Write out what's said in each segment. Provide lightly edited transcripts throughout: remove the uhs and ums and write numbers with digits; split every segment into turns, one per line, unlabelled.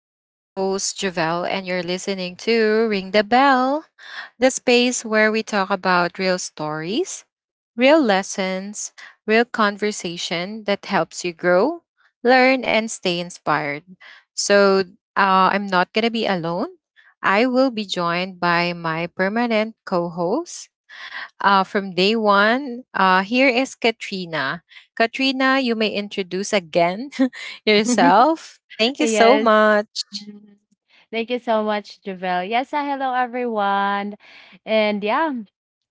I'm your host, Javelle, and you're listening to Ring the Bell, the space where we talk about real stories, real lessons, real conversation that helps you grow, learn, and stay inspired. So I'm not going to be alone. I will be joined by my permanent co host from day one. Here is Katrina. Katrina, you may introduce again yourself. Thank you so
Yes.
much.
Mhm. Thank you so much, Javel. Yes, hello everyone. And yeah,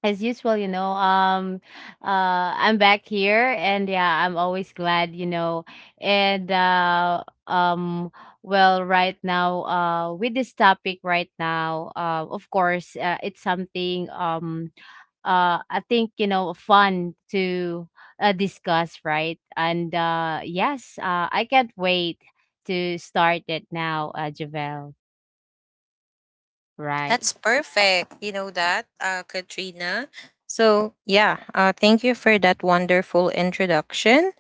as usual, I'm back here and yeah, I'm always glad, you know. And Well, right now with this topic right now, of course, it's something I think, you know, fun to discuss, right? And yes, I can't wait to start it now, Javel,
That's
right?
perfect. You know that, Katrina. So, yeah, thank you for that wonderful introduction.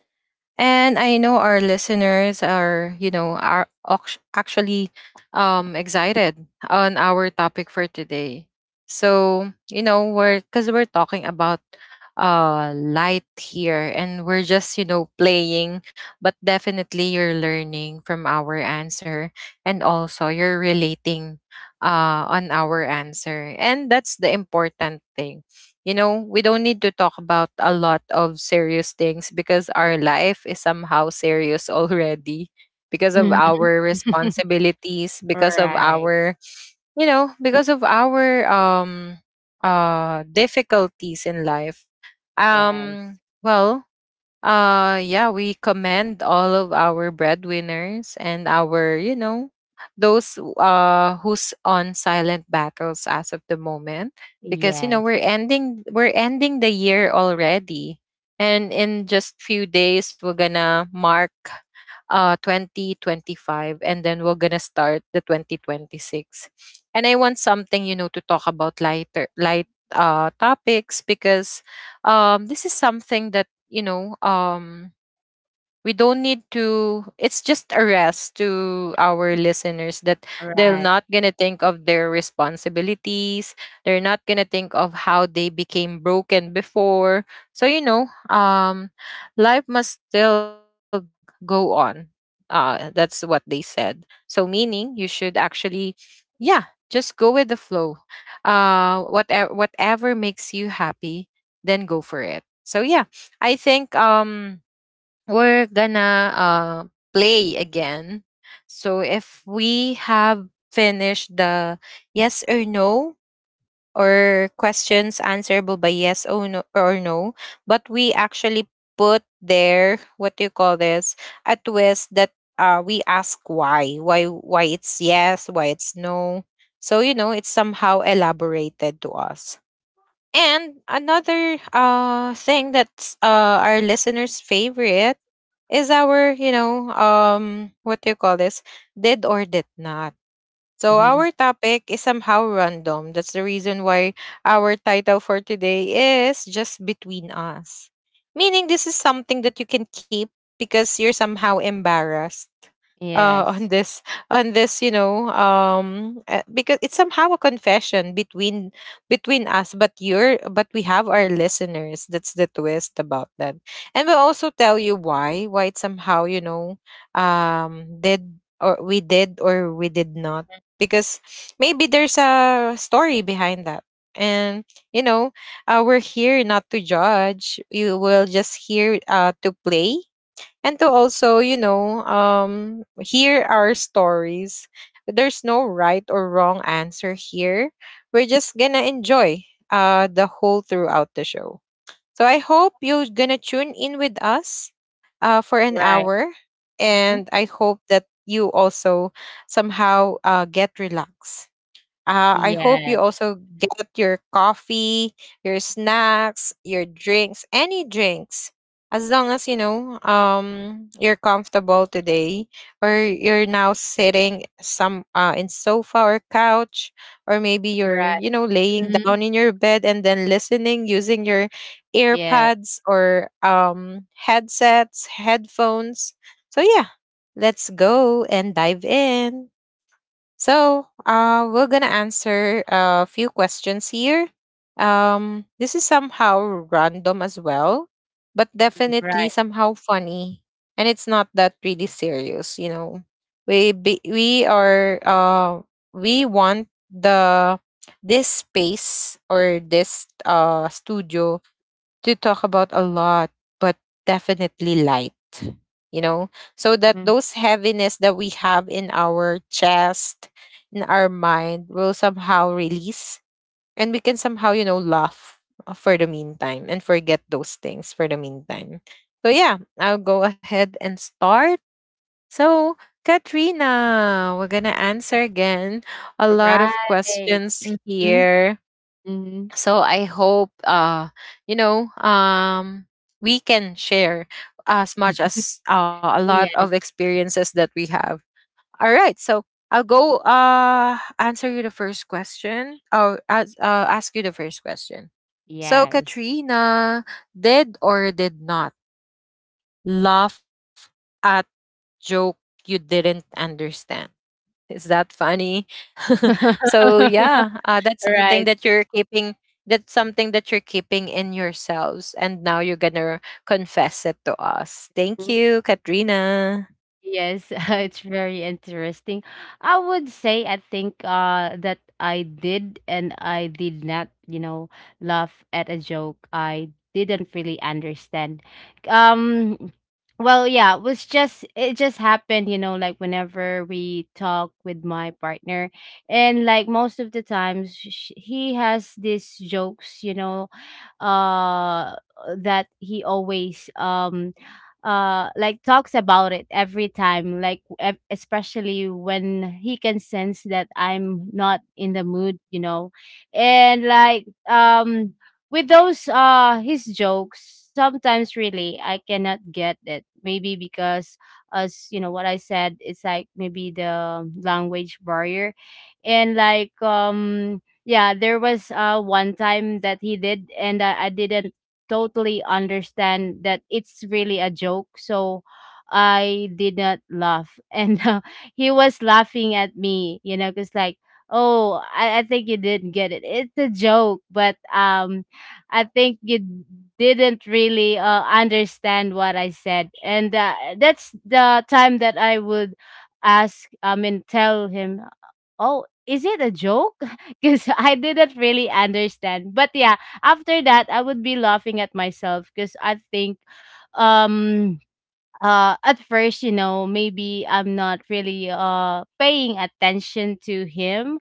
And I know our listeners are, you know, are actually excited on our topic for today. So, you know, we're because we're talking about light here and we're just, you know, playing, but definitely you're learning from our answer and also you're relating on our answer. And that's the important thing, you know, we don't need to talk about a lot of serious things because our life is somehow serious already because of
Mhm.
our responsibilities, because of
Right.
our, you know, because of our difficulties in life. Um
Yes.
well, yeah, we commend all of our breadwinners and our, you know, those who's on silent battles as of the moment because you know
Yes.
we're ending the year already. And in just few days we're gonna mark 2025 and then we're gonna start the 2026. And I want something, you know, to talk about lighter light topics because this is something that, you know, um, we don't need to. It's just a rest to our listeners that they're
Right.
not going to think of their responsibilities, they're not going to think of how they became broken before. So life must still go on, that's what they said. So meaning you should actually, yeah, just go with the flow. Whatever whatever makes you happy, then go for it. So yeah, I think we're gonna play again. So if we have finished the yes or no, or questions answerable by yes or no, but we actually put there, what do you call this, a twist that, we ask why it's yes, why it's no. So you know it's somehow elaborated to us. And another thing that's our listeners' favorite is our, you know, um, what do you call this? Did or did not. So
Hmm.
our topic is somehow random. That's the reason why our title for today is Just Between Us. Meaning this is something that you can keep because you're somehow embarrassed uh,
Yes.
on this on this, you know, because it's somehow a confession between between us, but you're, but we have our listeners. That's the twist about that. And we'll also tell you why it somehow, you know, did, or we did, or we did not, because maybe there's a story behind that. And you know, we're here not to judge. You will just here to play, and to also, you know, hear our stories. There's no right or wrong answer here. We're just gonna enjoy the whole throughout the show. So I hope you're gonna tune in with us for an
Right.
hour,
Mhm.
and I hope that you also somehow get relaxed. I hope
Yes.
you also get your coffee, your snacks, your drinks, any drinks. As long as you're comfortable today, or you're now sitting some in sofa or couch, or maybe you're,
Right.
you know, laying
Mhm.
down in your bed and then listening using your
Yes.
earpads, or headsets, headphones. So yeah, let's go and dive in. So, we're gonna answer a few questions here. This is somehow random as well, but definitely
Right.
somehow funny, and it's not that really serious. You know, we are we want the this space or this studio to talk about a lot, but definitely light, you know, so that
Hmm.
those heaviness that we have in our chest, in our mind, will somehow release, and we can somehow, you know, laugh for the meantime and forget those things for the meantime. So, yeah, I'll go ahead and start. So, Katrina, we're going to answer again a lot of
Right.
questions
Hmm.
here,
Hmm.
so I hope you know um we can share as much as a lot of
Yes.
experiences that we have. All right, so I'll go answer you the first question, or ask you the first question. So
Yes.
Katrina, did or did not laugh at joke you didn't understand. Is that funny? So yeah, that's something
Right.
that you're keeping. That's something that you're keeping in yourselves, and now you're gonna confess it to us. Thank you, Katrina.
Yes, it's very interesting. I would say I think that I did and I did not, you know, laugh at a joke I didn't really understand. Um well, yeah, it just happened, you know, like whenever we talk with my partner, and like most of the times he has these jokes, you know, uh that he always like talks about it every time especially when he can sense that I'm not in the mood, you know. And with those his jokes, sometimes really I cannot get it, maybe because, as you know what I said, it's like maybe the language barrier. And yeah, there was one time that he did and I didn't totally understand that it's really a joke, so I did not laugh and he was laughing at me, you know, because like, oh, I think you didn't get it, it's a joke. But I think you didn't really understand what I said. And that's the time that I would ask, I mean tell him, oh, is it a joke? Because I didn't really understand. But yeah, after that, I would be laughing at myself because I think um at first, you know, maybe I'm not really paying attention to him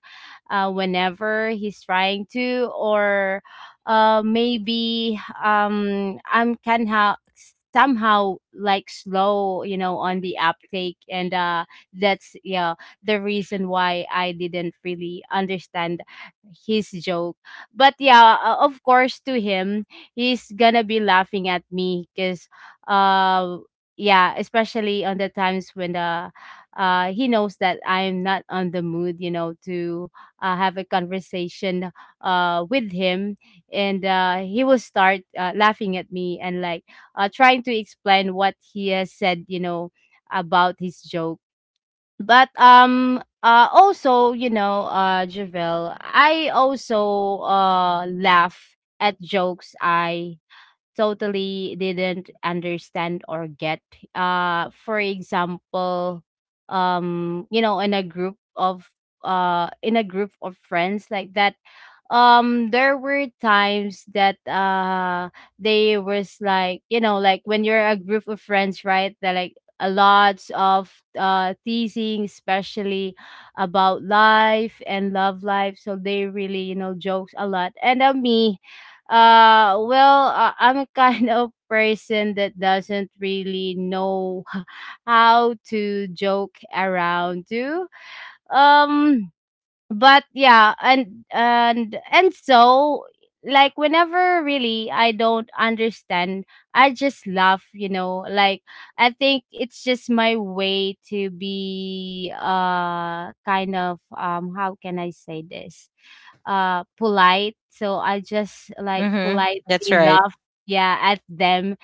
whenever he's trying to, or maybe I'm somehow like slow, you know, on the uptake. And uh that's yeah the reason why I didn't really understand his joke. But yeah, of course, to him, he's gonna be laughing at me because yeah, especially on the times when the he knows that I'm not on the mood, you know, to have a conversation with him. And he will start laughing at me, and like trying to explain what he has said, you know, about his joke. But Also, you know, Javel, I also laugh at jokes I totally didn't understand or get. For example, you know, in a group of in a group of friends like that, there were times that they was like, you know, like when you're a group of friends, right, that like a lots of teasing, especially about life and love life, so they really, you know, jokes a lot. And me, I'm a kind of person that doesn't really know how to joke around too. Um but yeah and so like whenever really I don't understand, I just laugh, you know. Like, I think it's just my way to be kind of, how can I say this, polite. So I just like
Mm-hmm. That's
politely
right.
laugh, yeah, at them,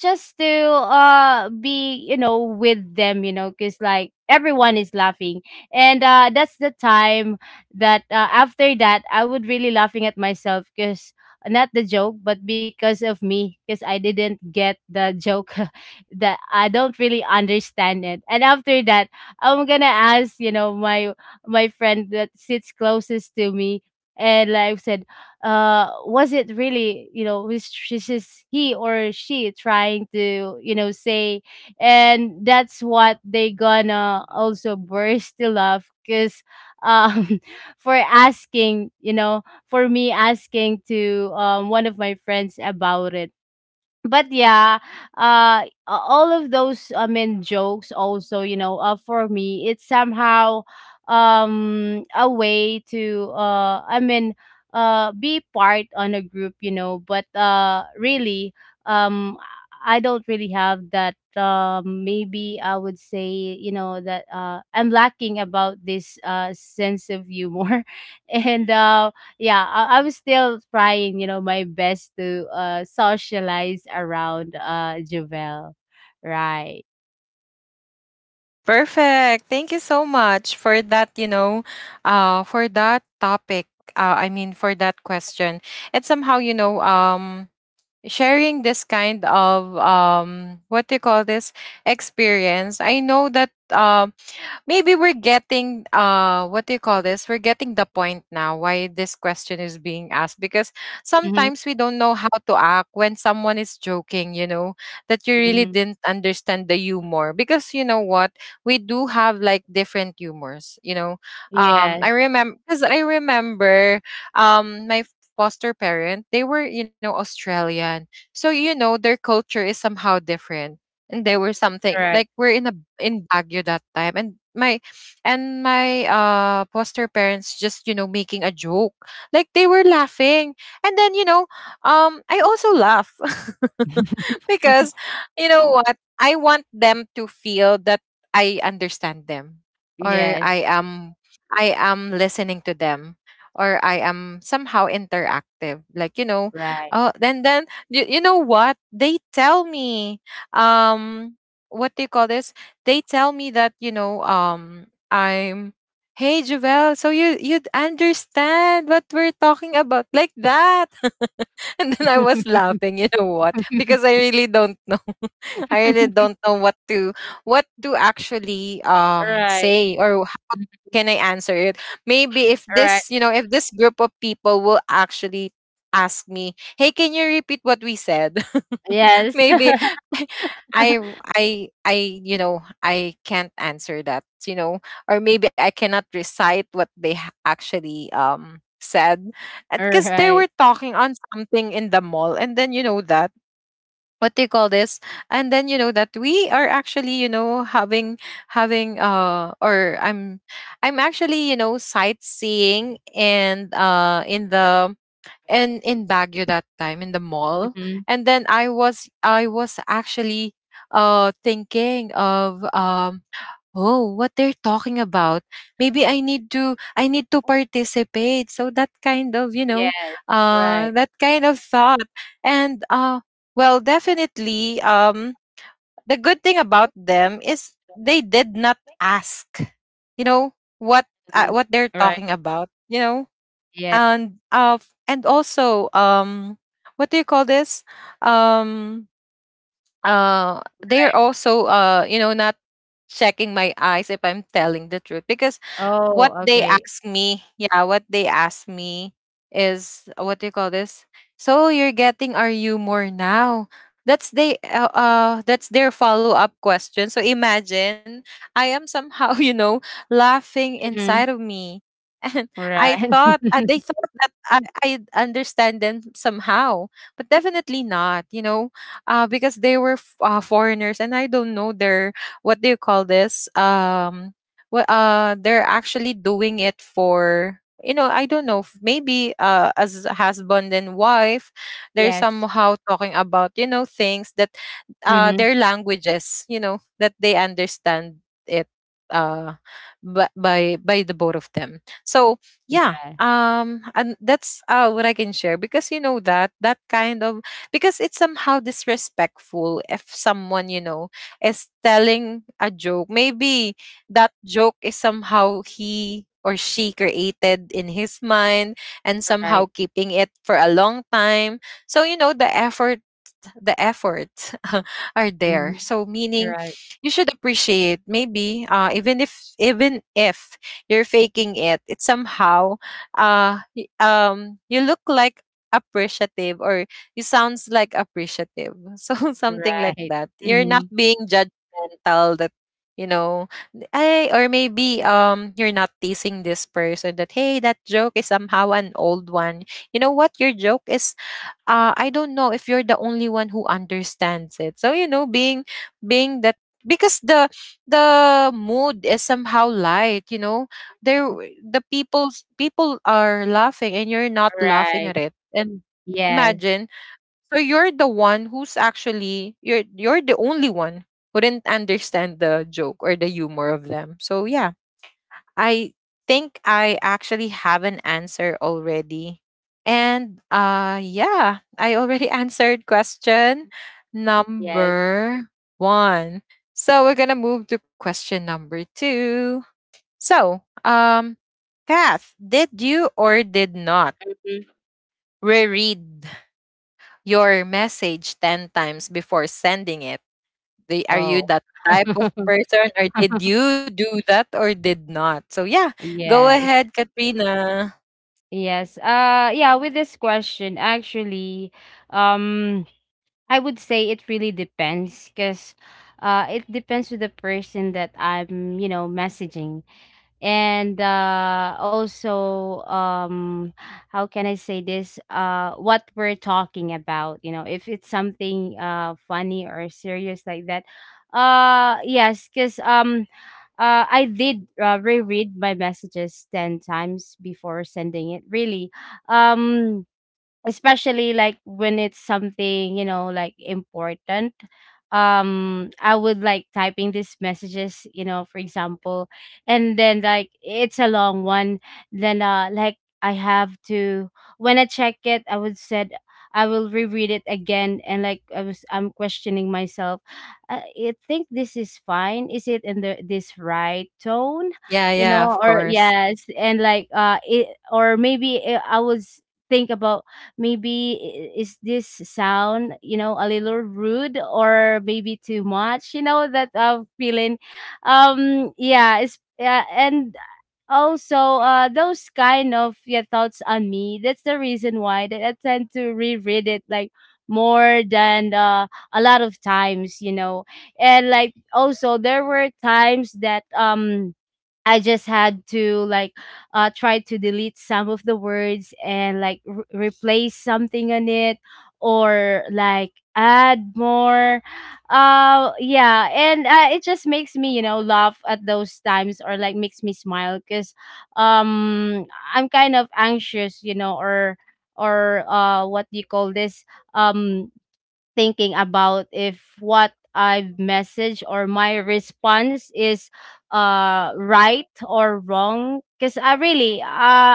just to be, you know, with them, you know, because like everyone is laughing. And that's the time that, after that, I would really laughing at myself because not the joke, but because of me, because I didn't get the joke that I don't really understand it. And after that, I'm gonna ask, you know, my friend that sits closest to me, and like I said, was it really, you know, was she, he or she trying to, you know, say, and that's what they gonna also burst to love because um for asking, you know, for me asking to one of my friends about it. But yeah, uh, a- all of those, I mean jokes also, you know, for me, it's somehow a way to, I mean, be part on a group, you know, but really, um I don't really have that, maybe I would say, you know, that I'm lacking about this sense of humor And yeah, I was still trying, you know, my best to socialize around, Jovel. Right.
Perfect. Thank you so much for that. You know, for that topic. I mean, for that question. It's somehow, you know, sharing this kind of what do you call this, experience. I know that maybe we're getting what do you call this, we're getting the point now why this question is being asked, because
Mm-hmm,
sometimes we don't know how to act when someone is joking, you know, that you really
mm-hmm.
didn't understand the humor, because you know what, we do have like different humors, you know. um
Yes,
i remember because i remember um my foster parent, they were, you know, Australian, so you know their culture is somehow different. And there were something
right.
like we're in a in Baguio that time, and my foster parents just, you know, making a joke, like they were laughing. And then, I also laugh because, you know what? I want them to feel that I understand them, or
Yes,
I am listening to them, or I am somehow interactive. Like, you know,
right.
oh, then you, you know what? They tell me um what do you call this? They tell me that, you know, I'm Hey Javel, so you you'd understand what we're talking about, like that. And then I was laughing, you know what? Because I really don't know. I really don't know what to actually
Right.
say or how can I answer it. Maybe if
Right.
this, you know, if this group of people will actually ask me, "Hey, can you repeat what we said?"
Yes.
Maybe I I you know, I can't answer that, you know, or maybe I cannot recite what they actually said, because they
Right.
were talking on something in the mall. And then you know that, what do you call this, and then you know that we are actually, you know, having having or I'm actually, you know, sightseeing, and in Baguio that time in the mall.
Mm-hmm.
And then I was actually thinking of oh, what they're talking about. Maybe I need to participate. So that kind of, you know,
Yes, right.
that kind of thought. And well, definitely the good thing about them is they did not ask, you know, what
Mhm.
what they're
Right.
talking about, you know.
Yes.
And uh and also what do you call this? Um they are also you know not checking my eyes if I'm telling the truth, because
Oh, okay.
what they ask me is, what do you call this, so you're getting, are you more now, that's they that's their follow-up question. So imagine I am somehow you know laughing inside
Hmm.
of me and I
Right.
thought, they thought that I understand them somehow, but definitely not, you know, because they were foreigners, and I don't know their, what do you call this, what they're actually doing it for, you know, I don't know, maybe as a husband and wife they're
Yes.
somehow talking about, you know, things that,
Mm-hmm.
their languages, you know, that they understand it, uh, by the both of them. So yeah,
Yeah.
and that's what I can share. Because you know that that kind of, because it's somehow disrespectful if someone, you know, is telling a joke. Maybe that joke is somehow he or she created in his mind and somehow
Right.
keeping it for a long time. So you know the efforts are there.
Mm-hmm.
So meaning
Right.
you should appreciate, maybe, even if you're faking it, it somehow you look like appreciative, or you sounds like appreciative. So something like
Right.
that. You're not
Mhm.
being judgmental that you know or maybe you're not teasing this person that hey, that joke is somehow an old one. You know what your joke is. I don't know if you're the only one who understands it. So you know, being being that because the mood is somehow light, you know, there the people are laughing and you're not laughing
Right.
at it. And
Yes,
imagine, so you're the one who's actually, you're the only one who didn't understand the joke or the humor of them. So yeah, I think I actually have an answer already. And yeah, I already answered question
yes.
number 1. So we're going to move to question number 2. So, Kath, did you or did not
Mhm.
reread your message 10 times before sending it? Are you
Whoa.
that type of person, or did you do that or did not? So yeah, go
Yes.
ahead, Katrina.
Yes. Yeah, with this question actually, um I would say it really depends because it depends with the person that I'm, you know, messaging. And also how can I say this, what we're talking about, you know, if it's something funny or serious like that. Yes, because I did, reread my messages 10 times before sending it, really, um especially like when it's something, you know, like important. I would like typing these messages, you know, for example, and then like it's a long one, then like I have to, when I check it, I would said I will reread it again. And like, I'm questioning myself, I think this is fine, is it in the this right tone,
Yeah,
you
yeah,
know?
of
Or
course.
yes, and like it, or maybe, I was think about, maybe, is this sound, you know, a little rude, or maybe too much, you know, that feeling. Yeah it's yeah And also, those kind of, yeah, thoughts on me, that's the reason why that I tend to reread it like more than a lot of times, you know. And like also there were times that I just had to like try to delete some of the words, and like replace something on it, or like add more. Yeah, and it just makes me, you know, laugh at those times, or like makes me smile because, um, I'm kind of anxious, you know, or what do you call this, Um, thinking about if what I've messaged or my response is right or wrong, because I really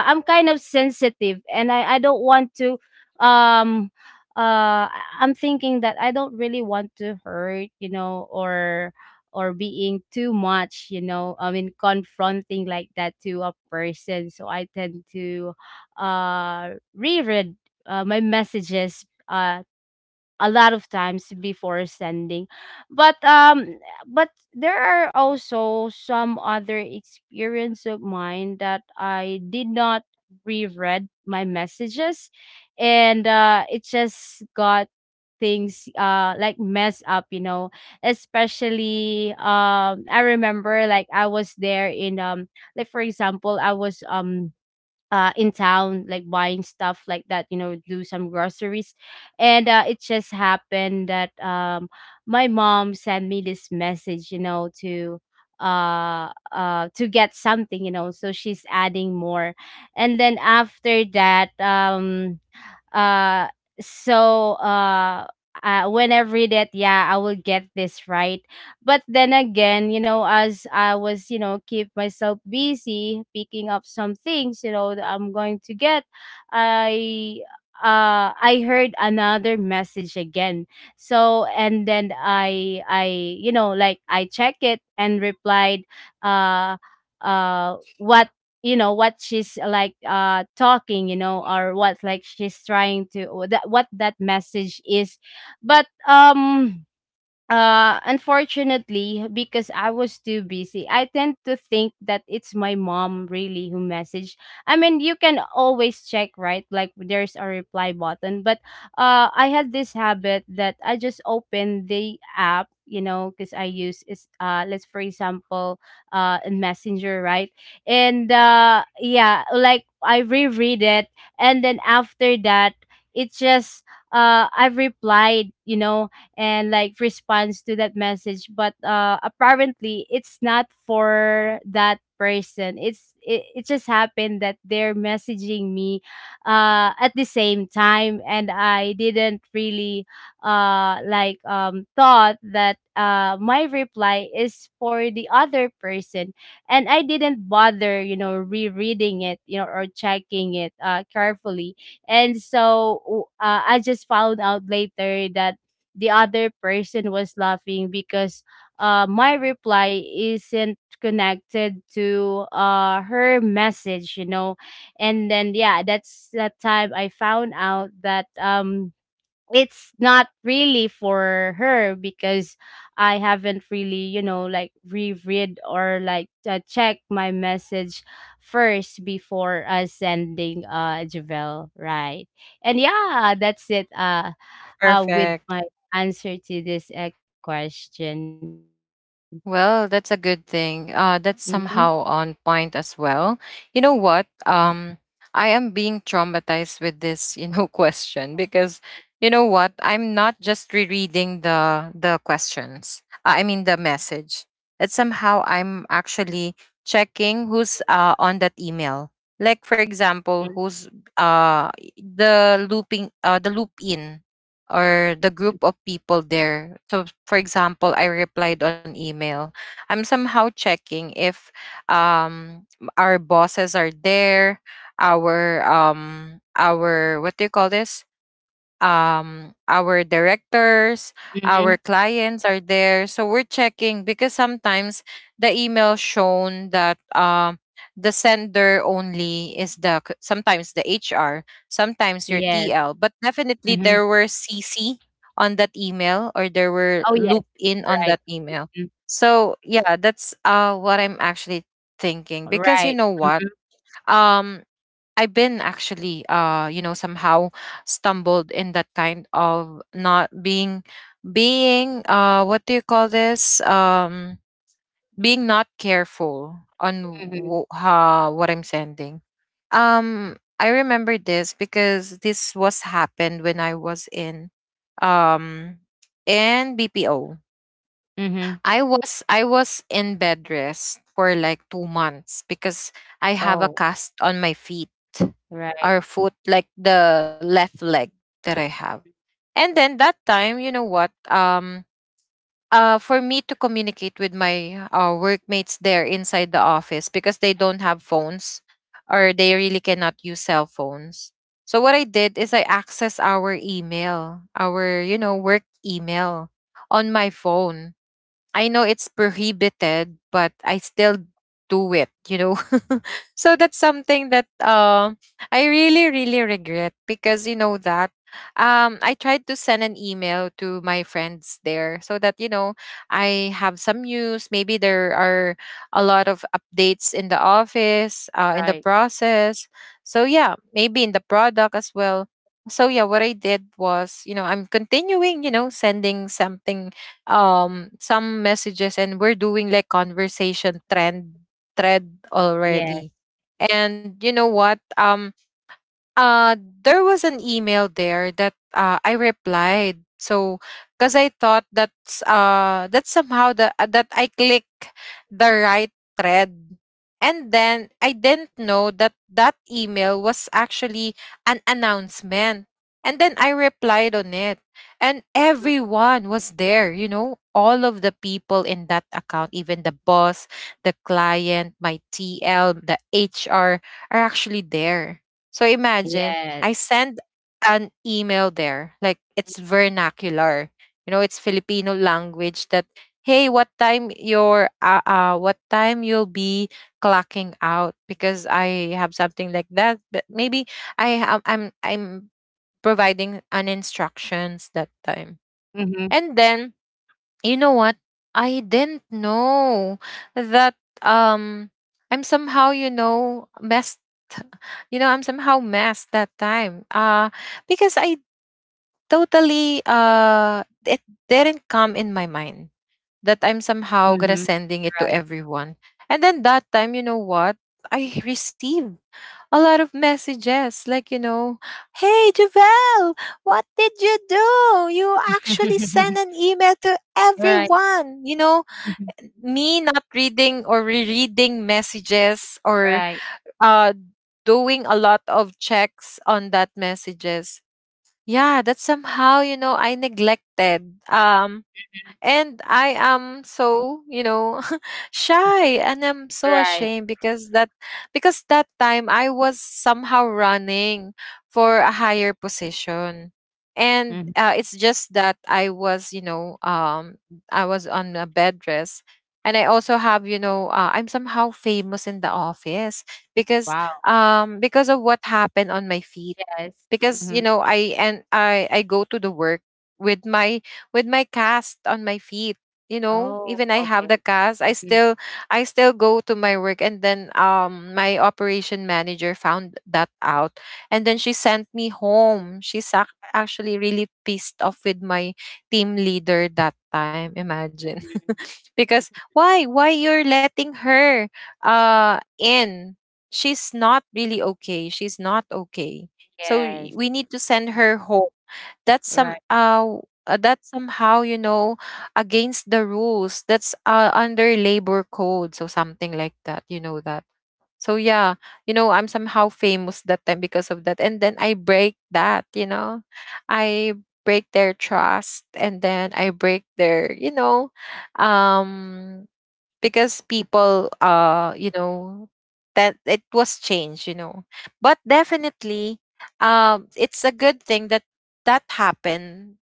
I'm kind of sensitive, and I don't want to, um I'm thinking that I don't really want to hurt, you know, or being too much, you know, I mean confronting like that to a person. So I tend to reread, my messages a lot of times before sending. But um but there are also some other experience of mine that I did not reread my messages, and it just got things like mess up, you know, especially, I remember, like I was there in, like for example I was, in town, like buying stuff like that, you know, do some groceries. And it just happened that, my mom sent me this message, you know, to get something, you know, so she's adding more. And then after that, uh, so uh, when I read it, yeah, I will get this right. But then again, you know, as I was, you know, keep myself busy picking up some things, you know, that I'm going to get, I I heard another message again. So, and then I you know, like I check it, and replied uh what, you know, what she's like talking, you know, or what like she's trying to, or that what that message is. But Unfortunately, because I was too busy, I tend to think that it's my mom really who messaged. I mean, you can always check, right? Like there's a reply button, but I had this habit that I just open the app, you know, because I use is, let's for example, in Messenger, right? And yeah, like I reread it, and then after that, it's just, I've replied, you know, and like responds to that message. But apparently it's not for that person, it just happened that they're messaging me at the same time, and I didn't really thought that my reply is for the other person, and I didn't bother, you know, rereading it, you know, or checking it carefully. And so, I just found out later that the other person was laughing because, my reply isn't connected to, her message, you know. And then, yeah, that's that time I found out that it's not really for her because I haven't really, like reread or like check my message first before sending Javel, right? And yeah, that's it with
Perfect.
my answer to this question.
Well, that's a good
Mhm.
thing. That's somehow on point as well. You know what? I am being traumatized with this, you know, question because you know what? I'm not just rereading the questions. I mean the message. It's somehow I'm actually checking who's on that email. Like for
Mhm.
example, who's uh the looping the loop in, or the group of people there. So, for example, I replied on email. I'm somehow checking if um, our bosses are there, our what do you call this? Our directors,
Mhm.
our clients are there, so we're checking because sometimes the email shown that the sender only is sometimes the HR, sometimes your
Yes.
TL, but definitely
Mhm.
there were CC on that email, or there
Oh,
were
yes.
loop in on
Right.
that email.
Mhm.
So yeah, that's what I'm actually thinking because
Right.
you know
Mhm.
what? um I've been actually, you know, somehow stumbled in that kind of not being, being, what do you call this? Being not careful on
Mhm.
what I'm sending. I remember this because this was happened when I was um, in BPO.
Mhm.
I was in bed rest for like 2 months because I have a
Oh,
cast on my feet,
right.
or foot, like the left leg that I have. And then that time, you know what? For me to communicate with my workmates there inside the office because they don't have phones, or they really cannot use cell phones. So what I did is I access our email, our you know work email on my phone. I know it's prohibited, but I still do it, you know. So that's something that I really really regret because you know that I tried to send an email to my friends there so that you know I have some news, maybe there are a lot of updates in the office, in the
Right.
process. So yeah, maybe in the product as well. So yeah, what I did was, you know, I'm continuing, you know, sending something, some messages, and we're doing like conversation trend thread
Yes.
already. And you know what? Uh there was an email there that I replied. So because I thought that's that somehow the that I click the right thread. And then I didn't know that that email was actually an announcement. And then I replied on it. And everyone was there, you know, all of the people in that account, even the boss, the client, my TL, the HR are actually there. So imagine I
Yes.
send an email there, like it's vernacular. You know, it's Filipino language that hey, what time your what time you'll be clocking out because I have something like that, but maybe I am I'm providing an instructions that time.
Mhm,
And then you know what? I didn't know that um I'm somehow, you know, I'm somehow messed that time. Because I totally it didn't come in my mind that I'm somehow
mhm.
gonna sending it to
Right.
everyone. And then that time, you know what? I received a lot of messages like, you know, hey Javel, what did you do? You actually sent an email to
Right.
everyone, you know?
Mhm.
Me not reading or rereading messages, or
Right,
uh doing a lot of checks on that messages, yeah, that's somehow you know I neglected. And I am so, you know, shy, and I'm so
right.
ashamed because that, because that time I was somehow running for a higher position. And
Mhm.
it's just that I was, you know, I was on a bed rest, and I also have, you know, I'm somehow famous in the office because
Wow.
because of what happened on my feet,
Yes.
because you
Mhm.
know I and I I go to the work with my cast on my feet. You know,
Oh,
even I have
okay.
the cast, I
Mhm.
still go to my work, and then my operation manager found that out, and then she sent me home. She's actually really pissed off with my team leader that time. Imagine,
Mhm.
because why you're letting her in she's not really okay, she's not okay, so
Yes.
we need to send her home. That's
Right,
that's somehow you know against the rules. That's under labor code, so something like that, you know. That so yeah, you know, I'm somehow famous that time because of that. And then I break that, you know. I break their trust, and then I break their, you know, um because people you know, that it was changed, you know. But definitely, it's a good thing that that happened.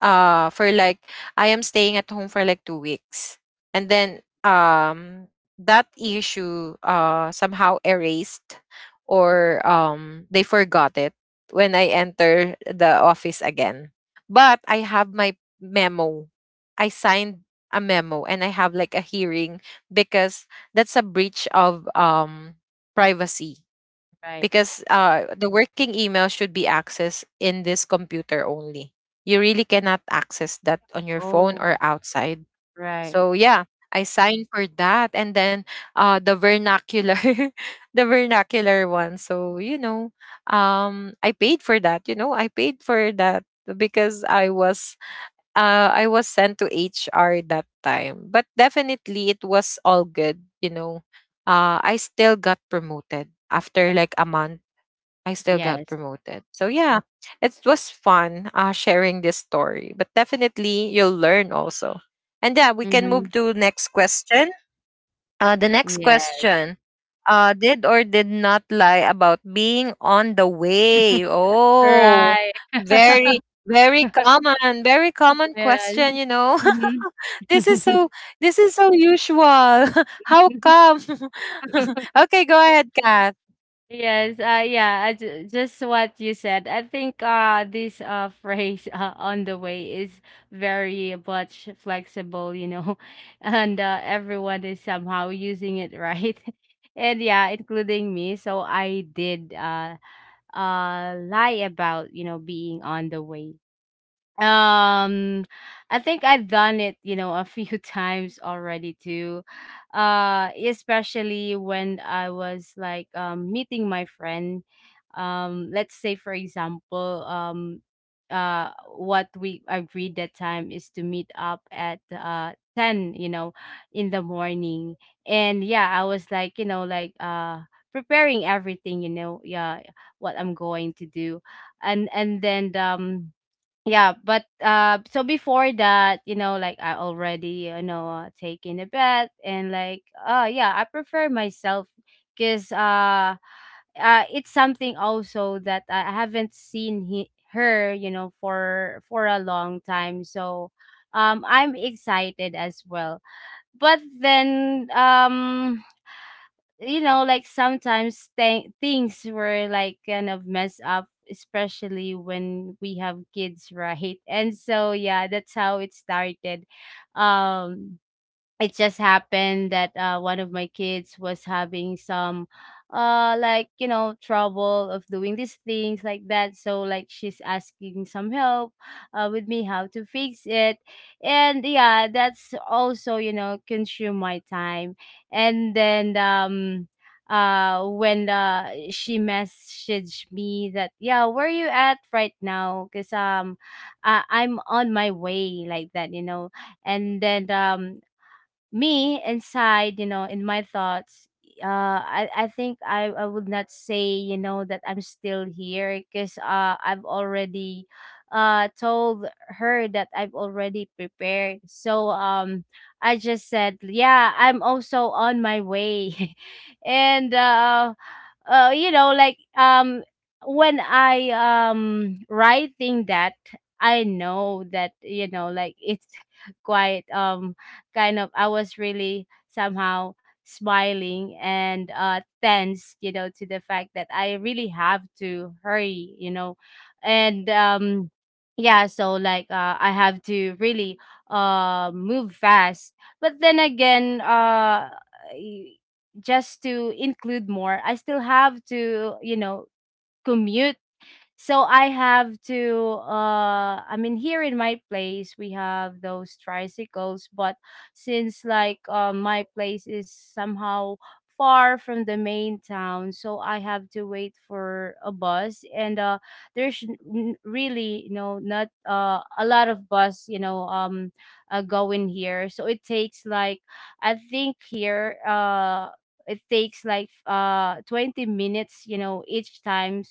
For like I am staying at home for like 2 weeks. And then that issue somehow erased, or they forgot it when I enter the office again. But I have my memo. I signed a memo, and I have like a hearing because that's a breach of privacy,
right.
because the working email should be accessed in this computer only. You really cannot access that on your phone or
Oh.
outside.
Right.
So yeah, I signed for that, and then the vernacular, the vernacular one. So you know, I paid for that. You know, I paid for that because I was sent to HR that time. But definitely, it was all good. You know, I still got promoted after like a month, I still got
Yes.
promoted. So yeah, it was fun sharing this story, but definitely you'll learn also. And yeah, we can move
Mhm.
to next question. The next
Yes.
question. Did or did not lie about being on the way. Oh,
Right.
very, very common
Yes.
question, you know.
Mhm.
This is so, this is so usual. How come? Okay, go ahead, Kath.
Yes, just what you said. I think this phrase on the way is very much flexible, you know, and everyone is somehow using it, right. And yeah, including me. So I did lie about, you know, being on the way. um I think I've done it, you know, a few times already too, especially when I was like meeting my friend. Let's say, for example, uh what we agreed that time is to meet up at 10, you know, in the morning. And yeah, I was like, you know, like preparing everything, you know, yeah, what I'm going to do. And then, yeah, but so before that, you know, like I already, you know, taken a bath, and like, oh yeah, I prefer myself, because it's something also that I haven't seen her, you know, for a long time, so I'm excited as well. But then you know, like sometimes things were like kind of messed up, especially when we have kids, right? And so yeah, that's how it started. Um, it just happened that one of my kids was having some like, you know, trouble of doing these things like that, so like she's asking some help with me, how to fix it. And yeah, that's also, you know, consume my time. And then when she messaged me that, yeah, where you at right now, because I'm on my way, like that, you know. And then me inside, you know, in my thoughts, I think I would not say, you know, that I'm still here, because I've already told her that I've already prepared. So I just said, yeah, I'm also on my way. And you know, like when I writing that, I know that, you know, like it's quite kind of, I was really somehow smiling and tense, you know, to the fact that I really have to hurry, you know. And yeah, so like I have to really move fast. But then again, y- just to include more, I still have to, you know, commute. So I have to I mean, here in my place, we have those tricycles, but since like my place is somehow far from the main town, so I have to wait for a bus. And there's really, you know, not a lot of bus, you know, going here. So it takes like, I think here it takes like 20 minutes, you know, each time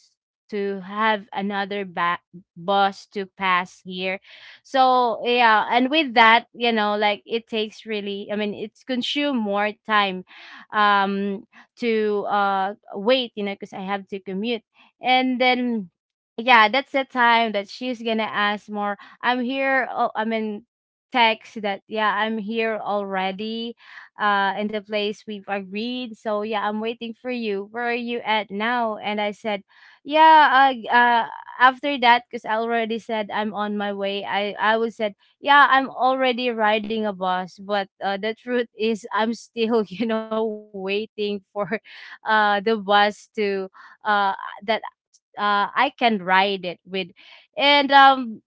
to have boss to pass here. So yeah, and with that, you know, like it takes really, I mean, it's consume more time um to wait, you know, because I have to commute. And then yeah, that's the time that she's going to ask more. I'm here, oh, I mean, text that, yeah, I'm here already in the place we've agreed. So yeah, I'm waiting for you. Where are you at now? And I said, yeah, after that, because I already said I'm on my way, I would said, yeah, I'm already riding a bus. But the truth is I'm still you know, waiting for the bus to uh that I can ride it with. And um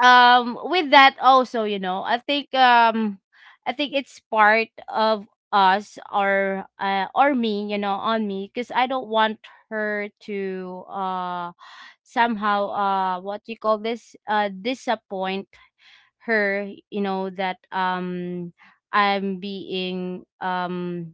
um with that also, you know, I think I think it's part of us, or me, you know, on me, because I don't want her to somehow what you call this, disappoint her, you know, that I'm being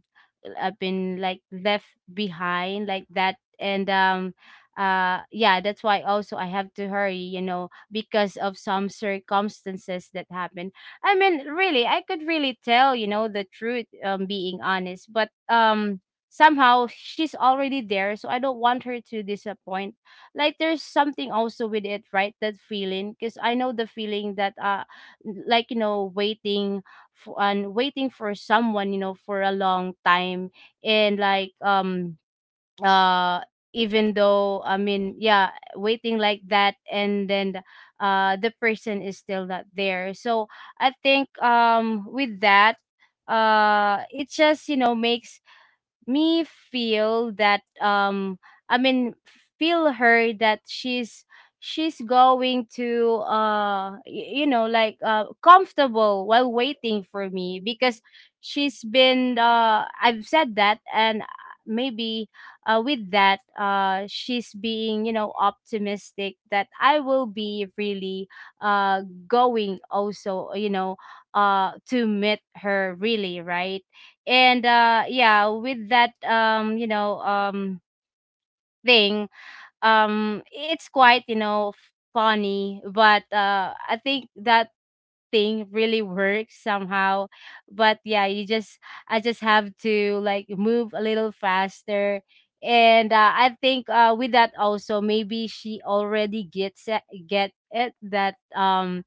I've been like left behind, like that. And yeah, that's why also I have to hurry, you know, because of some circumstances that happened. I mean, really, I could really tell, you know, the truth, being honest, but somehow she's already there, so I don't want her to disappoint. Like, there's something also with it, right, that feeling, because I know the feeling that like, you know, waiting for and waiting for someone, you know, for a long time. And like uh even though I mean, yeah, waiting like that, and then the person is still not there. So I think with that, it just, you know, makes me feel that I mean, feel her that she's going to you know, like comfortable while waiting for me, because she's been I've said that. And maybe with that, she's being, you know, optimistic that I will be really uh going also, you know, to meet her, really, right. And yeah, with that, you know, thing, it's quite, you know, funny, but I think that thing really works somehow. But yeah, you just I just have to like move a little faster. And I think with that also, maybe she already gets it, get it that um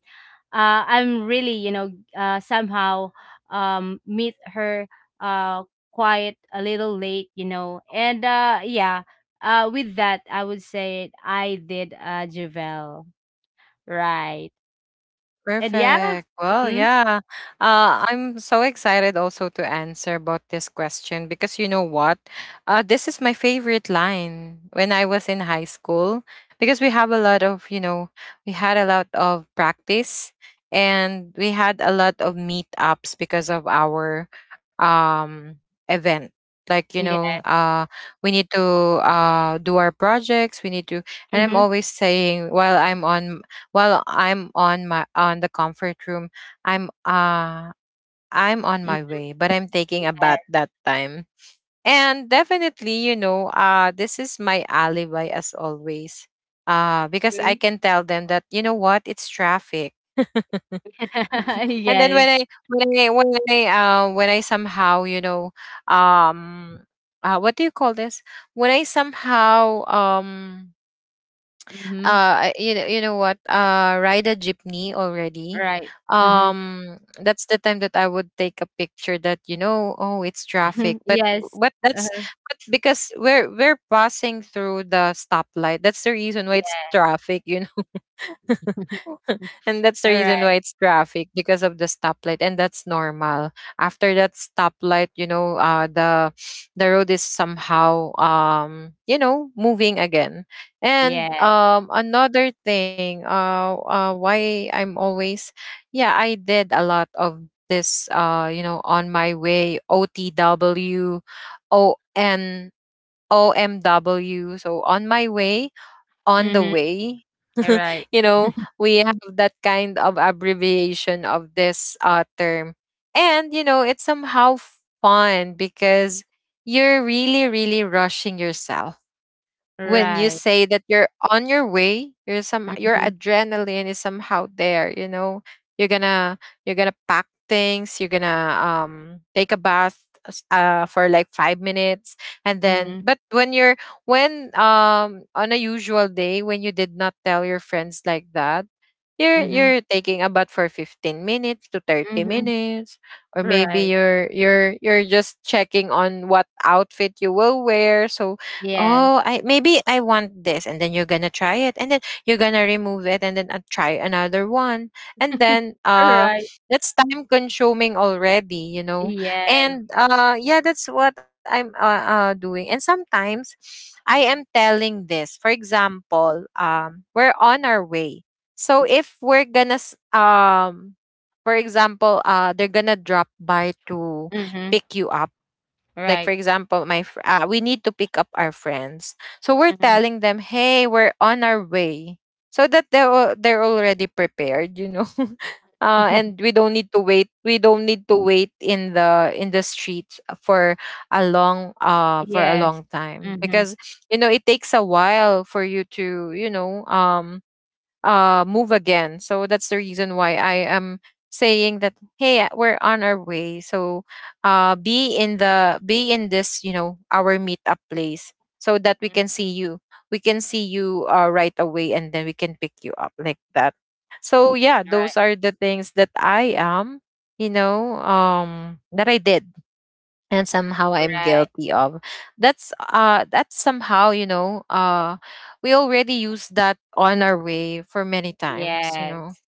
uh, I'm really, you know, somehow meet her uh, quite a little late, you know. And yeah, with that, I would say I did, Javel. Right. And yeah.
Perfect. Well,
Mm-hmm.
yeah. I'm so excited also to answer about this question because you know what? This is my favorite line when I was in high school because we have a lot of, you know, we had a lot of practice, and we had a lot of meetups because of our um, event. Like, you
Yeah.
know, we need to do our projects. We need to, and I'm
Mm-hmm.
always saying while I'm on, my on the comfort room. I'm uh I'm on my way, but I'm taking a bath
Yes.
that time. And definitely, you know, this is my alibi as always. Uh, because I
Mhm.
can tell them that you know what, it's traffic. And then
yes.
when I somehow you know um what do you call this, when I somehow
Mm-hmm.
you know what? Ride a jeepney already.
Right. Mm-hmm.
That's the time that I would take a picture that you know, oh, it's traffic.
yes.
But that's,
Uh-huh.
but because we're passing through the stoplight. That's the reason why it's
Yeah.
traffic. You know, and that's the
All
reason why
right.
it's traffic, because of the stoplight, and that's normal. After that stoplight, you know, the road is somehow you know moving again. And
Yeah.
another thing, why I'm always, yeah, I did a lot of this, you know, on my way, OTW, ON, OMW. So on my way, on the
Mm-hmm.
way.
All right.
You know, we have that kind of abbreviation of this term. And, you know, it's somehow fun because you're really rushing yourself when you
Right.
say that you're on your way, you're some, your
Mm-hmm.
adrenaline is somehow there, you know. You're gonna, you're gonna pack things, you're gonna take a bath for like 5 minutes. And then,
Mm-hmm.
but when you're, when on a usual day, when you did not tell your friends like that, you're
Mm-hmm.
you're taking a bath for 15 minutes to 30
Mhm.
minutes, or maybe
Right.
you're just checking on what outfit you will wear. So,
Yes.
oh, I, maybe I want this, and then you're gonna try it, and then you're gonna remove it, and then try another one, and then
Right.
that's time consuming already, you know.
Yes.
And yeah, that's what I'm doing. And sometimes I am telling this, for example, we're on our way. So if we're gonna for example, they're gonna drop by to
Mhm.
pick you up. Like for
Right.
example, we need to pick up our friends. So we're
Mhm.
telling them, "Hey, we're on our way." So that they are, they're already prepared, you know. And we don't need to wait. We don't need to wait in the streets for a long, for a
Yes.
long time,
Mhm.
because you know, it takes a while for you to, you know, move again. So that's the reason why I am saying that, hey, we're on our way. So be in the, be in this, you know, our meetup place so that we
Mhm.
can see you. We can see you right away, and then we can pick you up like that. So yeah,
Right.
those are the things that I am, you know, that I did and somehow I'm
Right.
guilty of. That's that's somehow, you know, we already use that on our way for many times, you
Yes.
know.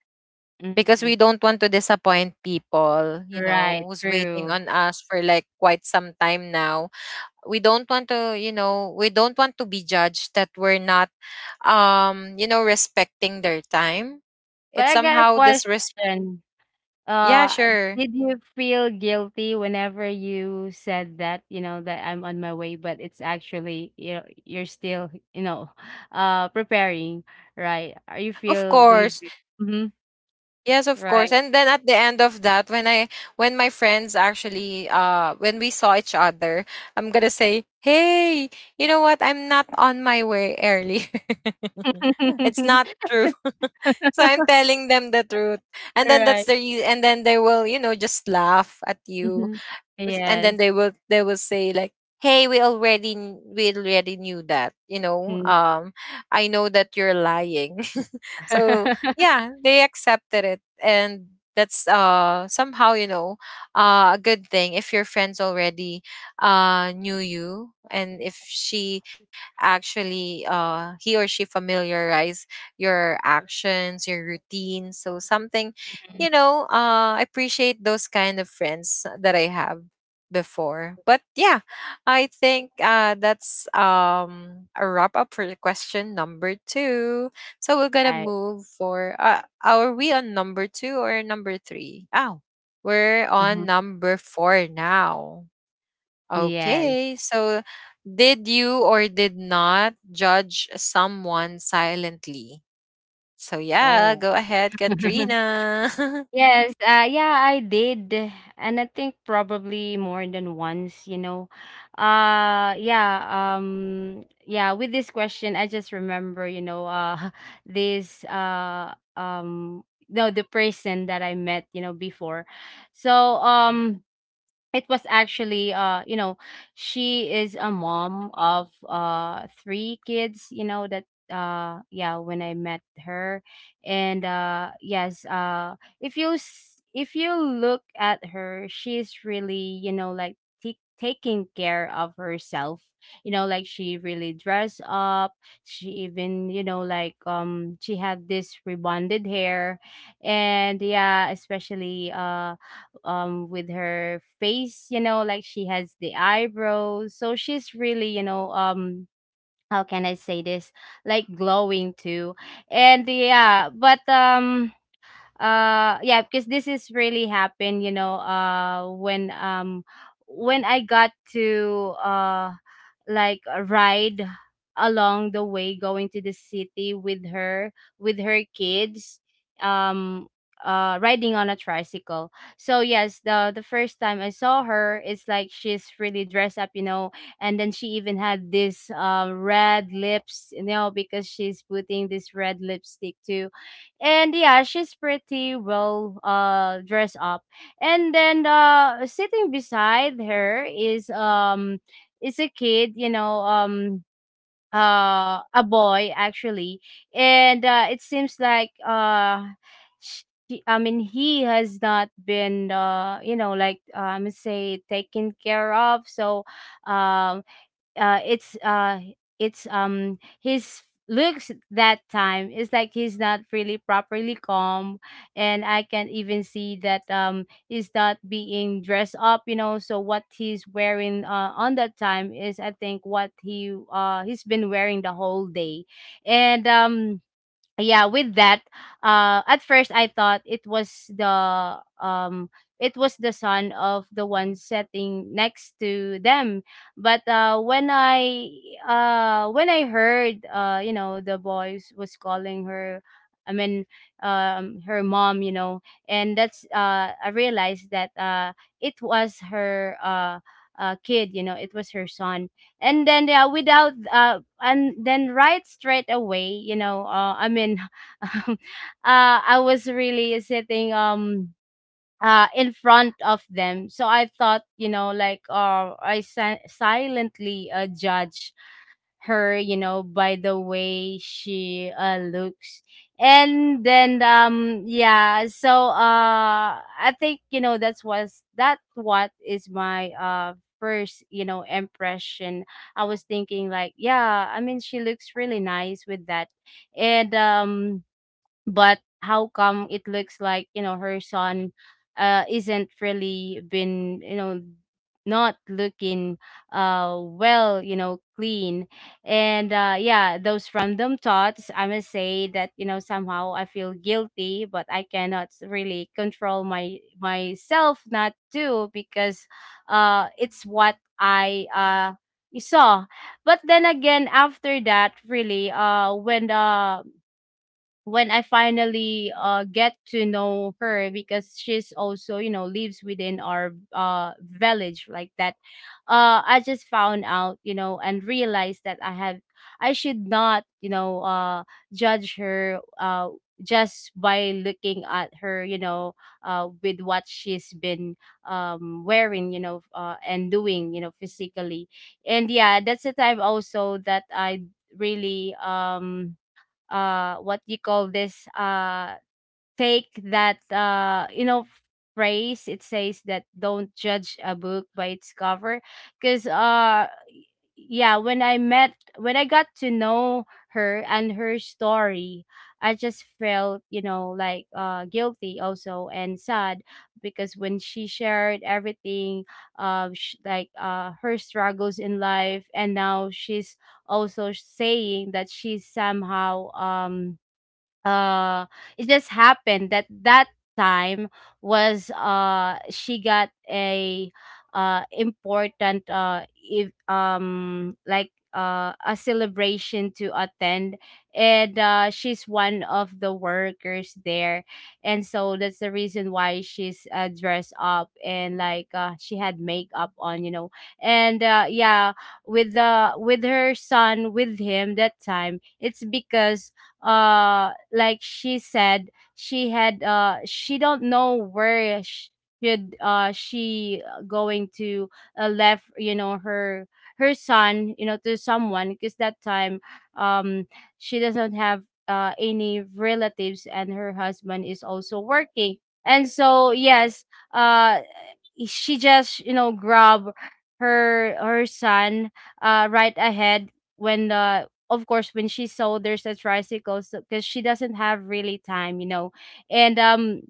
Because we
Mhm.
don't want to disappoint people, you know,
Right.
who's waiting
True.
on us for like quite some time now. We don't want to, you know, we don't want to be judged that we're not you know, respecting their time.
But
It's
I got a
somehow disres,
question.
yeah,
Uh,
sure.
did you feel guilty whenever you said that, you know, that I'm on my way, but it's actually, you know, you're still, you know, preparing, right? Are you
Of
feel, do you
course.
feel, hmm,
Yes, of course.
right?
And then at the end of that, when I, when my friends actually, when we saw each other, I'm gonna say, "Hey, you know what? I'm not on my way early." It's not true. So I'm telling them the truth. And then
Right.
and then they will, you know, just laugh at you.
Mhm.
And then
Yes.
they will say like, "Hey, we already we already knew that, you know,
Mm.
I know that you're lying." So yeah, they accepted it. And that's somehow, you know, a good thing if your friends already knew you, and if she actually, he or she familiarize your actions, your routine, so something, you know. I appreciate those kind of friends that I have before. But yeah, I think that's a wrap up for question number two. So we're gonna
Right.
move for are we on number two or number three? Oh, we're
Mhm.
on number four now.
Yes.
Okay, so did you or did not judge someone silently? So yeah,
Oh.
go ahead, Katrina.
Yes, yeah, I did, and I think probably more than once, you know. Yeah, yeah, with this question, I just remember, you know, this, uh, um, no, the person that I met, you know, before. So, um, it was actually you know, she is a mom of three kids, you know, that yeah, when I met her. And yes, if you if you look at her, she's really, you know, like taking care of herself. You know, like she really dressed up. She even, you know, like she had this rebonded hair. And yeah, especially with her face, you know, like she has the eyebrows, so she's really, you know, how can I say this, like glowing too. And yeah, but yeah, because this is really happened, you know, when I got to like a ride along the way going to the city with her, with her kids, um riding on a tricycle. So yes, the first time I saw her, it's like she's really dressed up, you know. And then she even had this red lips, you know, because she's putting this red lipstick too. And yeah, she's pretty well dressed up. And then sitting beside her is a kid, you know, a boy, actually. And it seems like sh- I mean, he has not been, you know, like, say, taken care of. So, um, uh it's uh it's his looks that time is like he's not really properly calm. And I can even see that he's not being dressed up, you know, so what he's wearing on that time is, I think, what he's been wearing the whole day. And yeah, with that, at first I thought it was the son of the one sitting next to them. But when I heard, you know, the boys was calling her, I mean, her mom, you know. And that's I realized that, it was her, kid, you know, it was her son. And then, yeah, without and then right straight away, you know, I mean, um, I was really sitting, in front of them, so I thought, you know, like, silently, judged her, you know, by the way she, looks. And then, yeah, so I think, you know, that's was that what is my first, you know, impression. I was thinking like, yeah, I mean, she looks really nice with that. And But how come it looks like, you know, her son isn't really been, you know, not looking, well, you know, clean. And, yeah, those random thoughts. I must say that, you know, somehow I feel guilty, but I cannot really control my myself not to, because it's what I saw. But then again, after that, really, when I finally get to know her, because she's also, you know, lives within our village like that, I just found out, you know, and realized that I should not, you know, judge her, just by looking at her, you know, with what she's been wearing, you know, and doing, you know, physically. And yeah, that's the time also that I really, what you call this, take that, you know, phrase it says that don't judge a book by its cover. Because yeah, when I got to know her and her story, I just felt, you know, like, guilty also, and sad. Because when she shared everything, like, her struggles in life. And now she's also saying that she's somehow, uh it just happened that time was, she got a, important, if, like, a celebration to attend. And she's one of the workers there, and so that's the reason why she's, dressed up, and like, she had makeup on, you know. And, yeah, with her son, with him that time, it's because, like she said, she don't know where, sh- should she going to, left, you know, her son, you know, to someone, because that time, um she doesn't have any relatives, and her husband is also working. And so, yes, uh she just, you know, grab her son, right ahead when the of course, when she saw there's a tricycle, because she doesn't have really time, you know. And,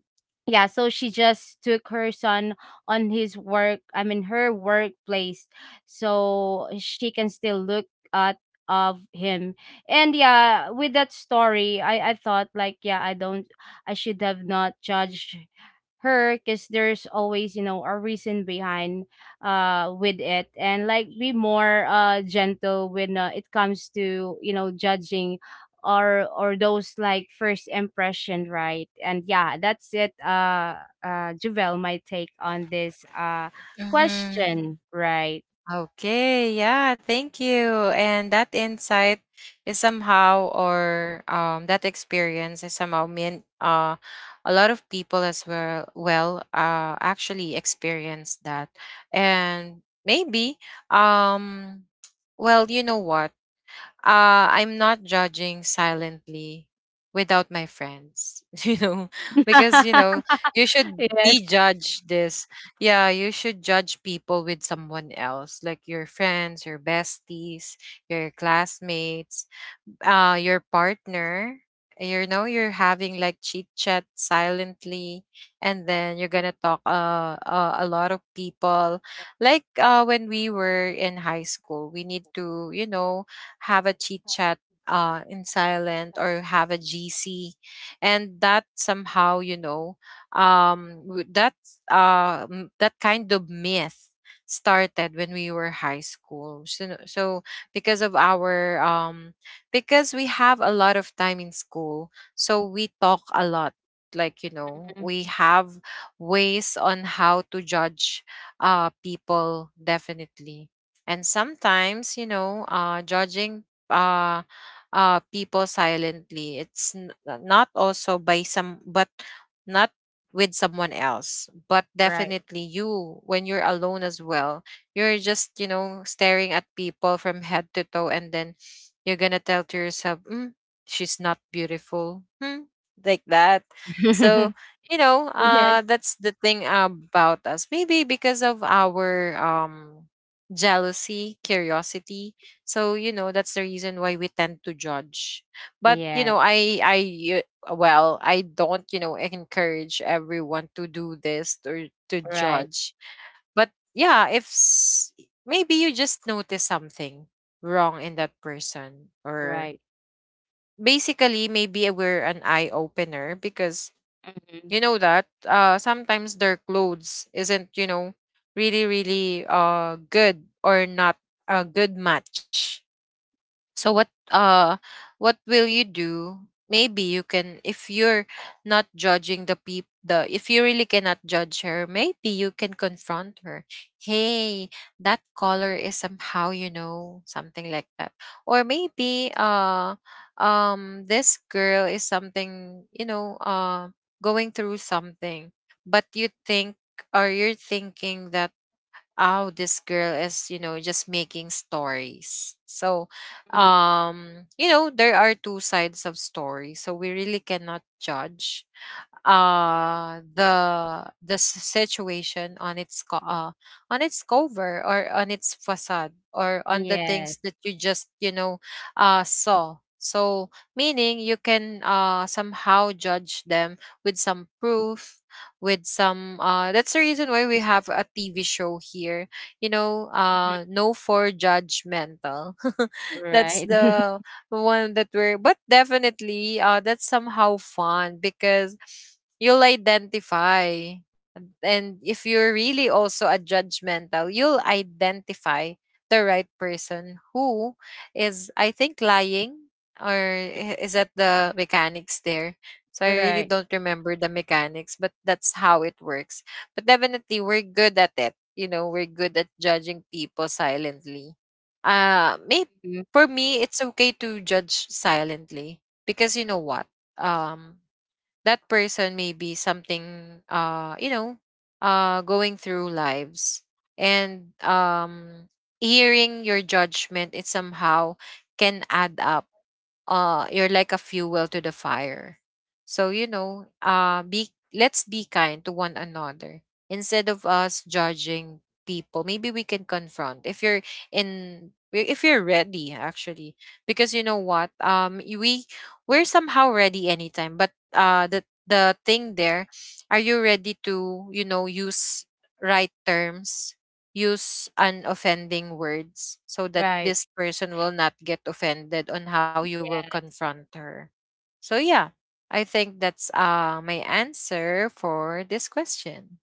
yeah, so she just took her son on his work, I mean, her workplace, so she can still look at of him. And yeah, with that story, I thought like, yeah, I should have not judged her, because there's always, you know, a reason behind with it. And, like, be more gentle when, it comes to, you know, judging, or those like first impression, right? And yeah, that's it, Javel, my take on this
Mm-hmm.
question, right?
Okay, yeah, thank you. And that insight is somehow, or that experience is somehow meant a lot of people as well, well, actually experience that. And maybe, um, well, you know what? I'm not judging silently without my friends, you know, because, you know, you should
Yes.
be judged this. Yeah, you should judge people with someone else, like your friends, your besties, your classmates, your partner. You know, you're having like chit chat silently, and then you're gonna talk a lot of people, like when we were in high school, we need to, you know, have a chit chat in silent or have a gc. And that somehow, you know, that kind of myth started when we were high school. So because of our because we have a lot of time in school. So we talk a lot. Like, you know,
Mm.
we have ways on how to judge people, definitely. And sometimes, you know, judging uh, people silently, it's not also by some, but not with someone else, but
Right.
definitely you, when you're alone as well, you're just, you know, staring at people from head to toe, and then you're gonna tell to yourself, mm, she's not beautiful. Hmm, like that. So, you know,
Yes.
that's the thing about us. Maybe because of our jealousy, curiosity. So, you know, that's the reason why we tend to judge. But, you know,
Yes.
I well, I don't, you know, encourage everyone to do this or to
Right.
judge. But yeah, if s- maybe you just notice something wrong in that person, or
Right.
basically, maybe we're an eye opener, because
Mhm.
you know that, sometimes their clothes isn't, you know, really good or not a good match. So what will you do? Maybe you can, if you're not judging the peop the if you really cannot judge her, maybe you can confront her. Hey, that color is somehow, you know, something like that. Or maybe this girl is something, you know, going through something, but you think, or you're thinking that, oh, this girl is, you know, just making stories. So
Mhm.
you know, there are two sides of stories, so we really cannot judge the s- situation on on its cover, or on its facade, or on the
Yes.
things that you just, you know, saw. So meaning you can somehow judge them with some proof, with some, that's the reason why we have a TV show here, you know, no for judgmental. That's
Right.
the one that we're, but definitely, that's somehow fun, because you'll identify, and if you're really also a judgmental, you'll identify the right person who is, I think, lying, is that the mechanics there. So I really
Right.
don't remember the mechanics, but that's how it works. But definitely we're good at it, you know, we're good at judging people silently. Maybe
Mhm.
for me, it's okay to judge silently, because you know what? Um, that person may be something, you know, going through lives, and hearing your judgment, it somehow can add up. You're like a fuel to the fire. So you know, be, let's be kind to one another instead of us judging people. Maybe we can confront, if you're in, if you're ready, actually. Because you know what, we, we're somehow ready anytime, but the thing there, are you ready to, you know, use right terms, use unoffending words, so that
Right.
this person will not get offended on how you will
Yeah.
confront her. So yeah, I think that's my answer for this question.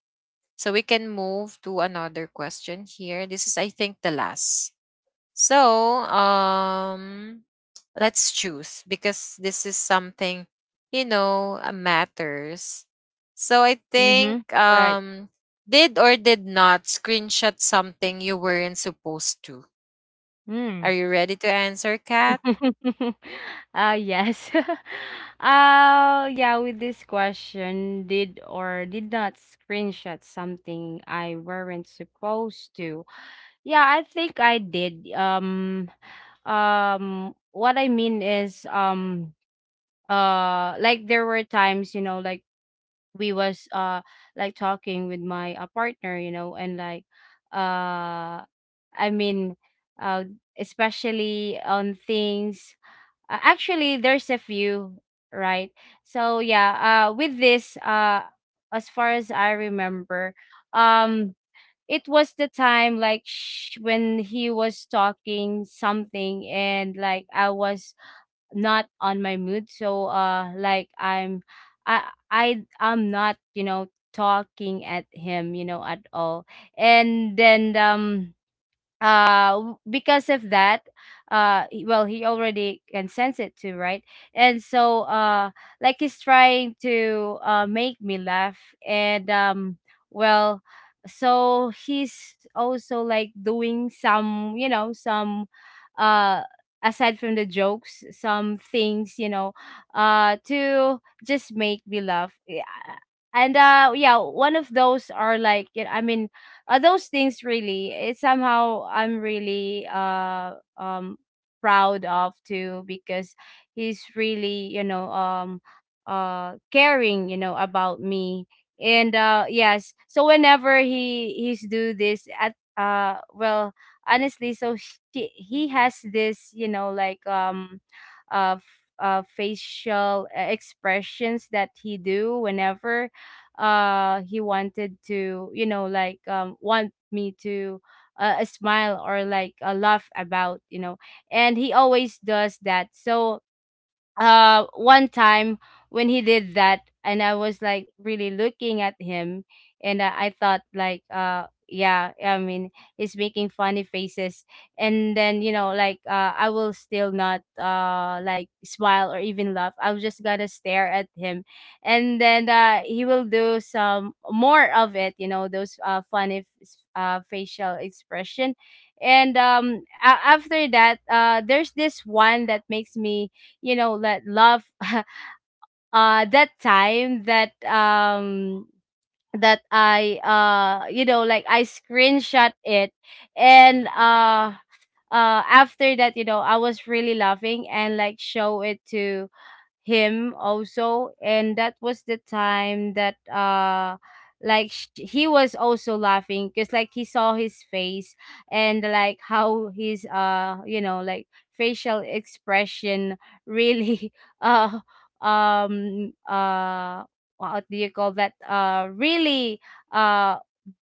So we can move to another question here. This is, I think, the last. So, let's choose, because this is something, you know, matters. So I think,
Mhm. Right.
did or did not screenshot something you weren't supposed to.
Mm.
Are you ready to answer, Kat?
Yes. Yeah, with this question, did or did not screenshot something I weren't supposed to? Yeah, I think I did. What I mean is, like there were times, you know, like, we was like, talking with my, partner, you know, and, like, uh I mean, uh especially on things. Actually, there's a few, right? So, yeah, with this as far as I remember, um it was the time like, when he was talking something, and like I was not on my mood, so like, I'm I I I'm not, you know, talking at him, you know, at all. And then, because of that, well, he already can sense it too, right? And so, like, he's trying to, make me laugh. And, well, so he's also, like, doing some, you know, some uh aside from the jokes, some things, you know, to just make me laugh. Yeah. And, yeah, one of those are like, you know, I mean, those things, really, it's somehow I'm really, proud of too, because he's really, you know, caring, you know, about me. And, yes, so whenever he's do this at, well, honestly, so he has this, you know, like, uh, f- facial, expressions that he do whenever he wanted to, you know, like, want me to, smile, or like, laugh about, you know. And he always does that. So, one time when he did that, and I was, like, really looking at him. And I thought like, yeah, I mean, he's making funny faces. And then, you know, like, I will still not, like, smile or even laugh, I was just gonna stare at him. And then, he will do some more of it, you know, those funny, facial expression. And, after that, there's this one that makes me, you know, that love. That time that, I, you know, like, I screenshot it. And, after that, you know, I was really laughing and, like, show it to him also. And that was the time that, like, he was also laughing, because like he saw his face, and, like, how his, you know, like, facial expression really, uh um uh what do you call that, really uh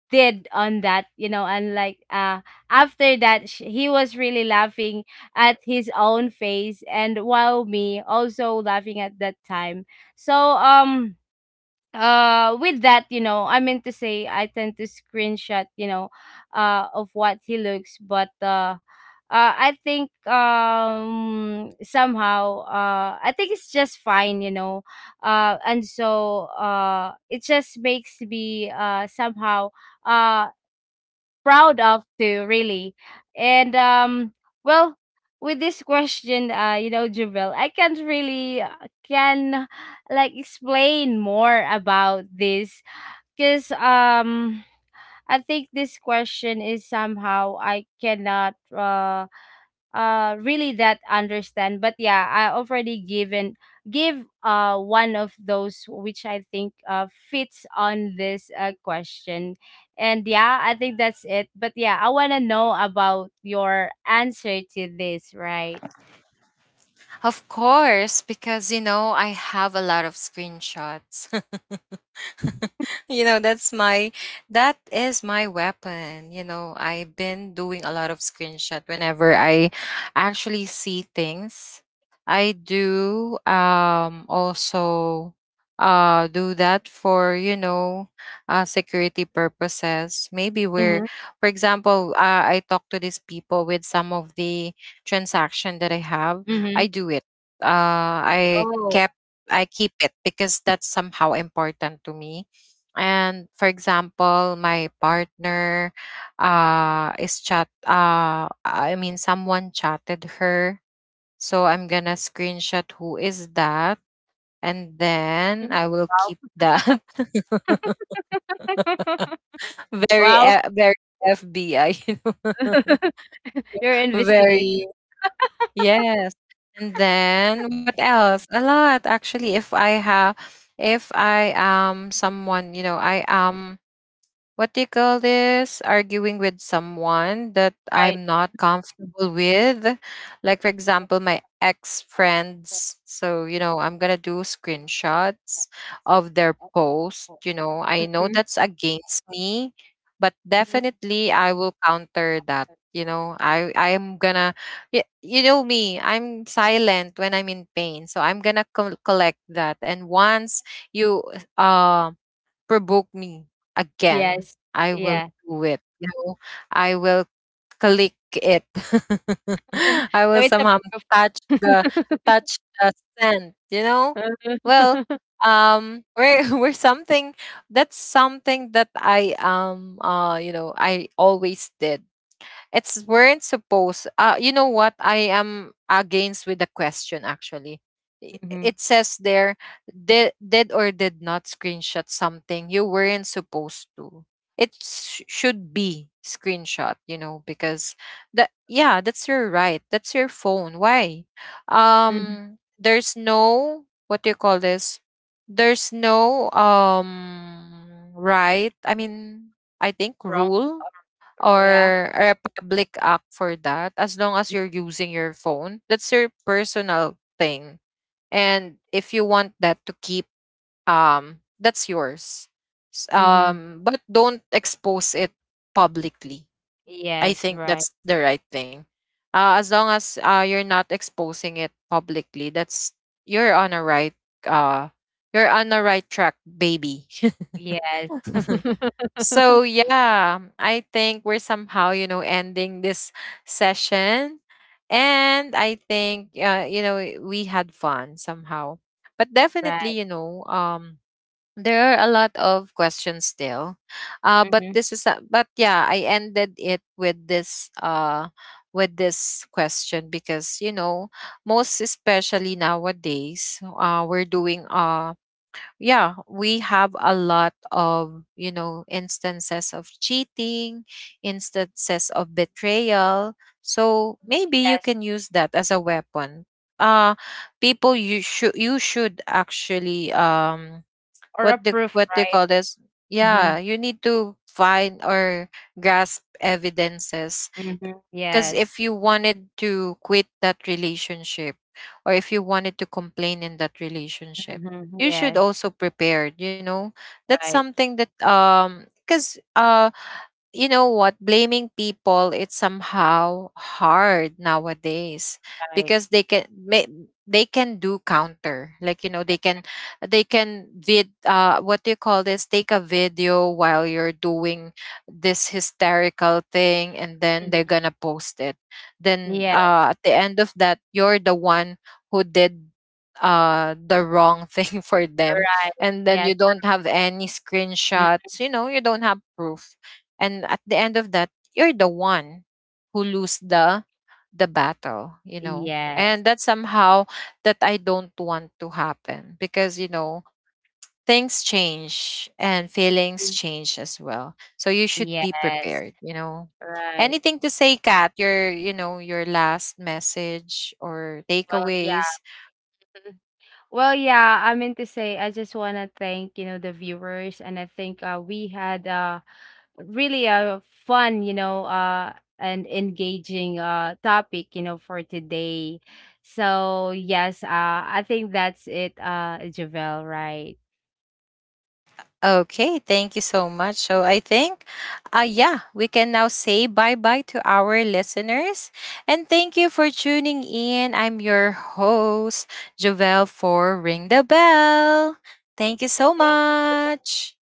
did on that, you know. And, like, after that, he was really laughing at his own face, and while me also laughing at that time. So, with that, you know, I mean to say, I tend to screenshot, you know, of what he looks. But I think, somehow, I think it's just fine, you know. And so, it just makes me, somehow, uh proud of too, really. And, well, with this question, you know, Jubil, I can't really, can, like, explain more about this. Because, I think this question is somehow I cannot, really that understand. But yeah, I already give, one of those which I think fits on this question. And yeah, I think that's it. But yeah, I wanna know about your answer to this, right?
Of course, because you know, I have a lot of screenshots. You know, that is my weapon. You know, I've been doing a lot of screenshot whenever I actually see things. I do, also, do that for, you know, security purposes, maybe.
Mm-hmm.
Where for example, I talk to these people with some of the transaction that I have,
Mm-hmm.
I do it, uh i
Oh.
kept I keep it, because that's somehow important to me. And for example, my partner is chat I mean, someone chatted her. So I'm gonna screenshot who is that, and then
Mhm.
I will keep
Wow.
that. Very
Wow.
very FBI, you know.
You're investigating,
Very yes. And then what else? A lot, actually. If I have, if I am someone, you know, I am, what do you call this, arguing with someone that
right?
I'm not comfortable with. Like for example, my ex friends, so you know, I'm gonna do screenshots of their post. You know, I know
Mhm.
that's against me, but
Mhm.
definitely I will counter that. You know, I am gonna, you know me, I'm silent when I'm in pain. So I'm gonna collect that, and once you, um provoke me again,
Yes.
I will
Yeah.
do it. You know, I will click it. I will
So it's a
somehow
proof.
touch the, touch the scent. You know, well, we're, we're something. That's something that I you know, I always did. It's weren't supposed. You know what? I am against with the question, actually. It
Hmm.
says there, did or did not screenshot something you weren't supposed to. It should be screenshot, you know, because that, yeah, that's your right. That's your phone. Why?
Hmm.
There's no, what do you call this? There's no right. I mean, I think
Wrong.
rule
Yeah.
or a public act for that, as long as you're using your phone, that's your personal thing. And if you want that to keep, that's yours.
Hmm.
But don't expose it publicly. I
Yes.
think
Right.
that's the right thing. As long as you're not exposing it publicly, that's, you're on a right, uh you're on a right track, baby.
Yes.
So yeah, I think we're somehow, you know, ending this session. And I think, you know, we had fun somehow. But
Right.
definitely, you know, there are a lot of questions still. But
Hmm.
this is a, but yeah, I ended it with this, with this question, because you know, most especially nowadays, we're doing yeah, we have a lot of, you know, instances of cheating, instances of betrayal. So maybe you
Yes.
can use that as a weapon. Uh People, you should, you should actually,
Or
what
a
the,
proof,
what they
right?
call this?
Hmm.
Yeah, you need to find or grasp evidences,
Hmm.
because
Yes.
if you wanted to quit that relationship, or if you wanted to complain in that relationship,
Hmm.
you should
Yes.
also prepare, you know. That's
Right.
something that, because you know what, blaming people, it's somehow hard nowadays,
Right.
because they can may, they can do counter, like you know, they can, they can vid what do you call this, take a video while you're doing this hysterical thing, and then they're
Hmm.
gonna post it. Then
Yeah.
at the end of that, you're the one who did the wrong thing for them.
Right.
And then
Yes.
you don't have any
Mm.
screenshots, you know, you don't have proof. And at the end of that, you're the one who lose the battle, you know.
Yes.
And that's somehow, that I don't want to happen, because you know, things change and feelings
Mm.
change as well, so you should be
Yes.
prepared, you know.
Right.
Anything to say, Kat, your, you know, your last message or
Well, yeah.
takeaways?
Mm. Well, yeah, I meant to say, I just want to thank, you know, the viewers. And I think, we had, really a fun, you know, and engaging topic, you know, for today. So, yes, I think that's it, Javel, right?
Okay, thank you so much. So I think, yeah, we can now say bye bye to our listeners. And thank you for tuning in. I'm your host, Jovel, for Ring the Bell. Thank you so
Thank you.
much.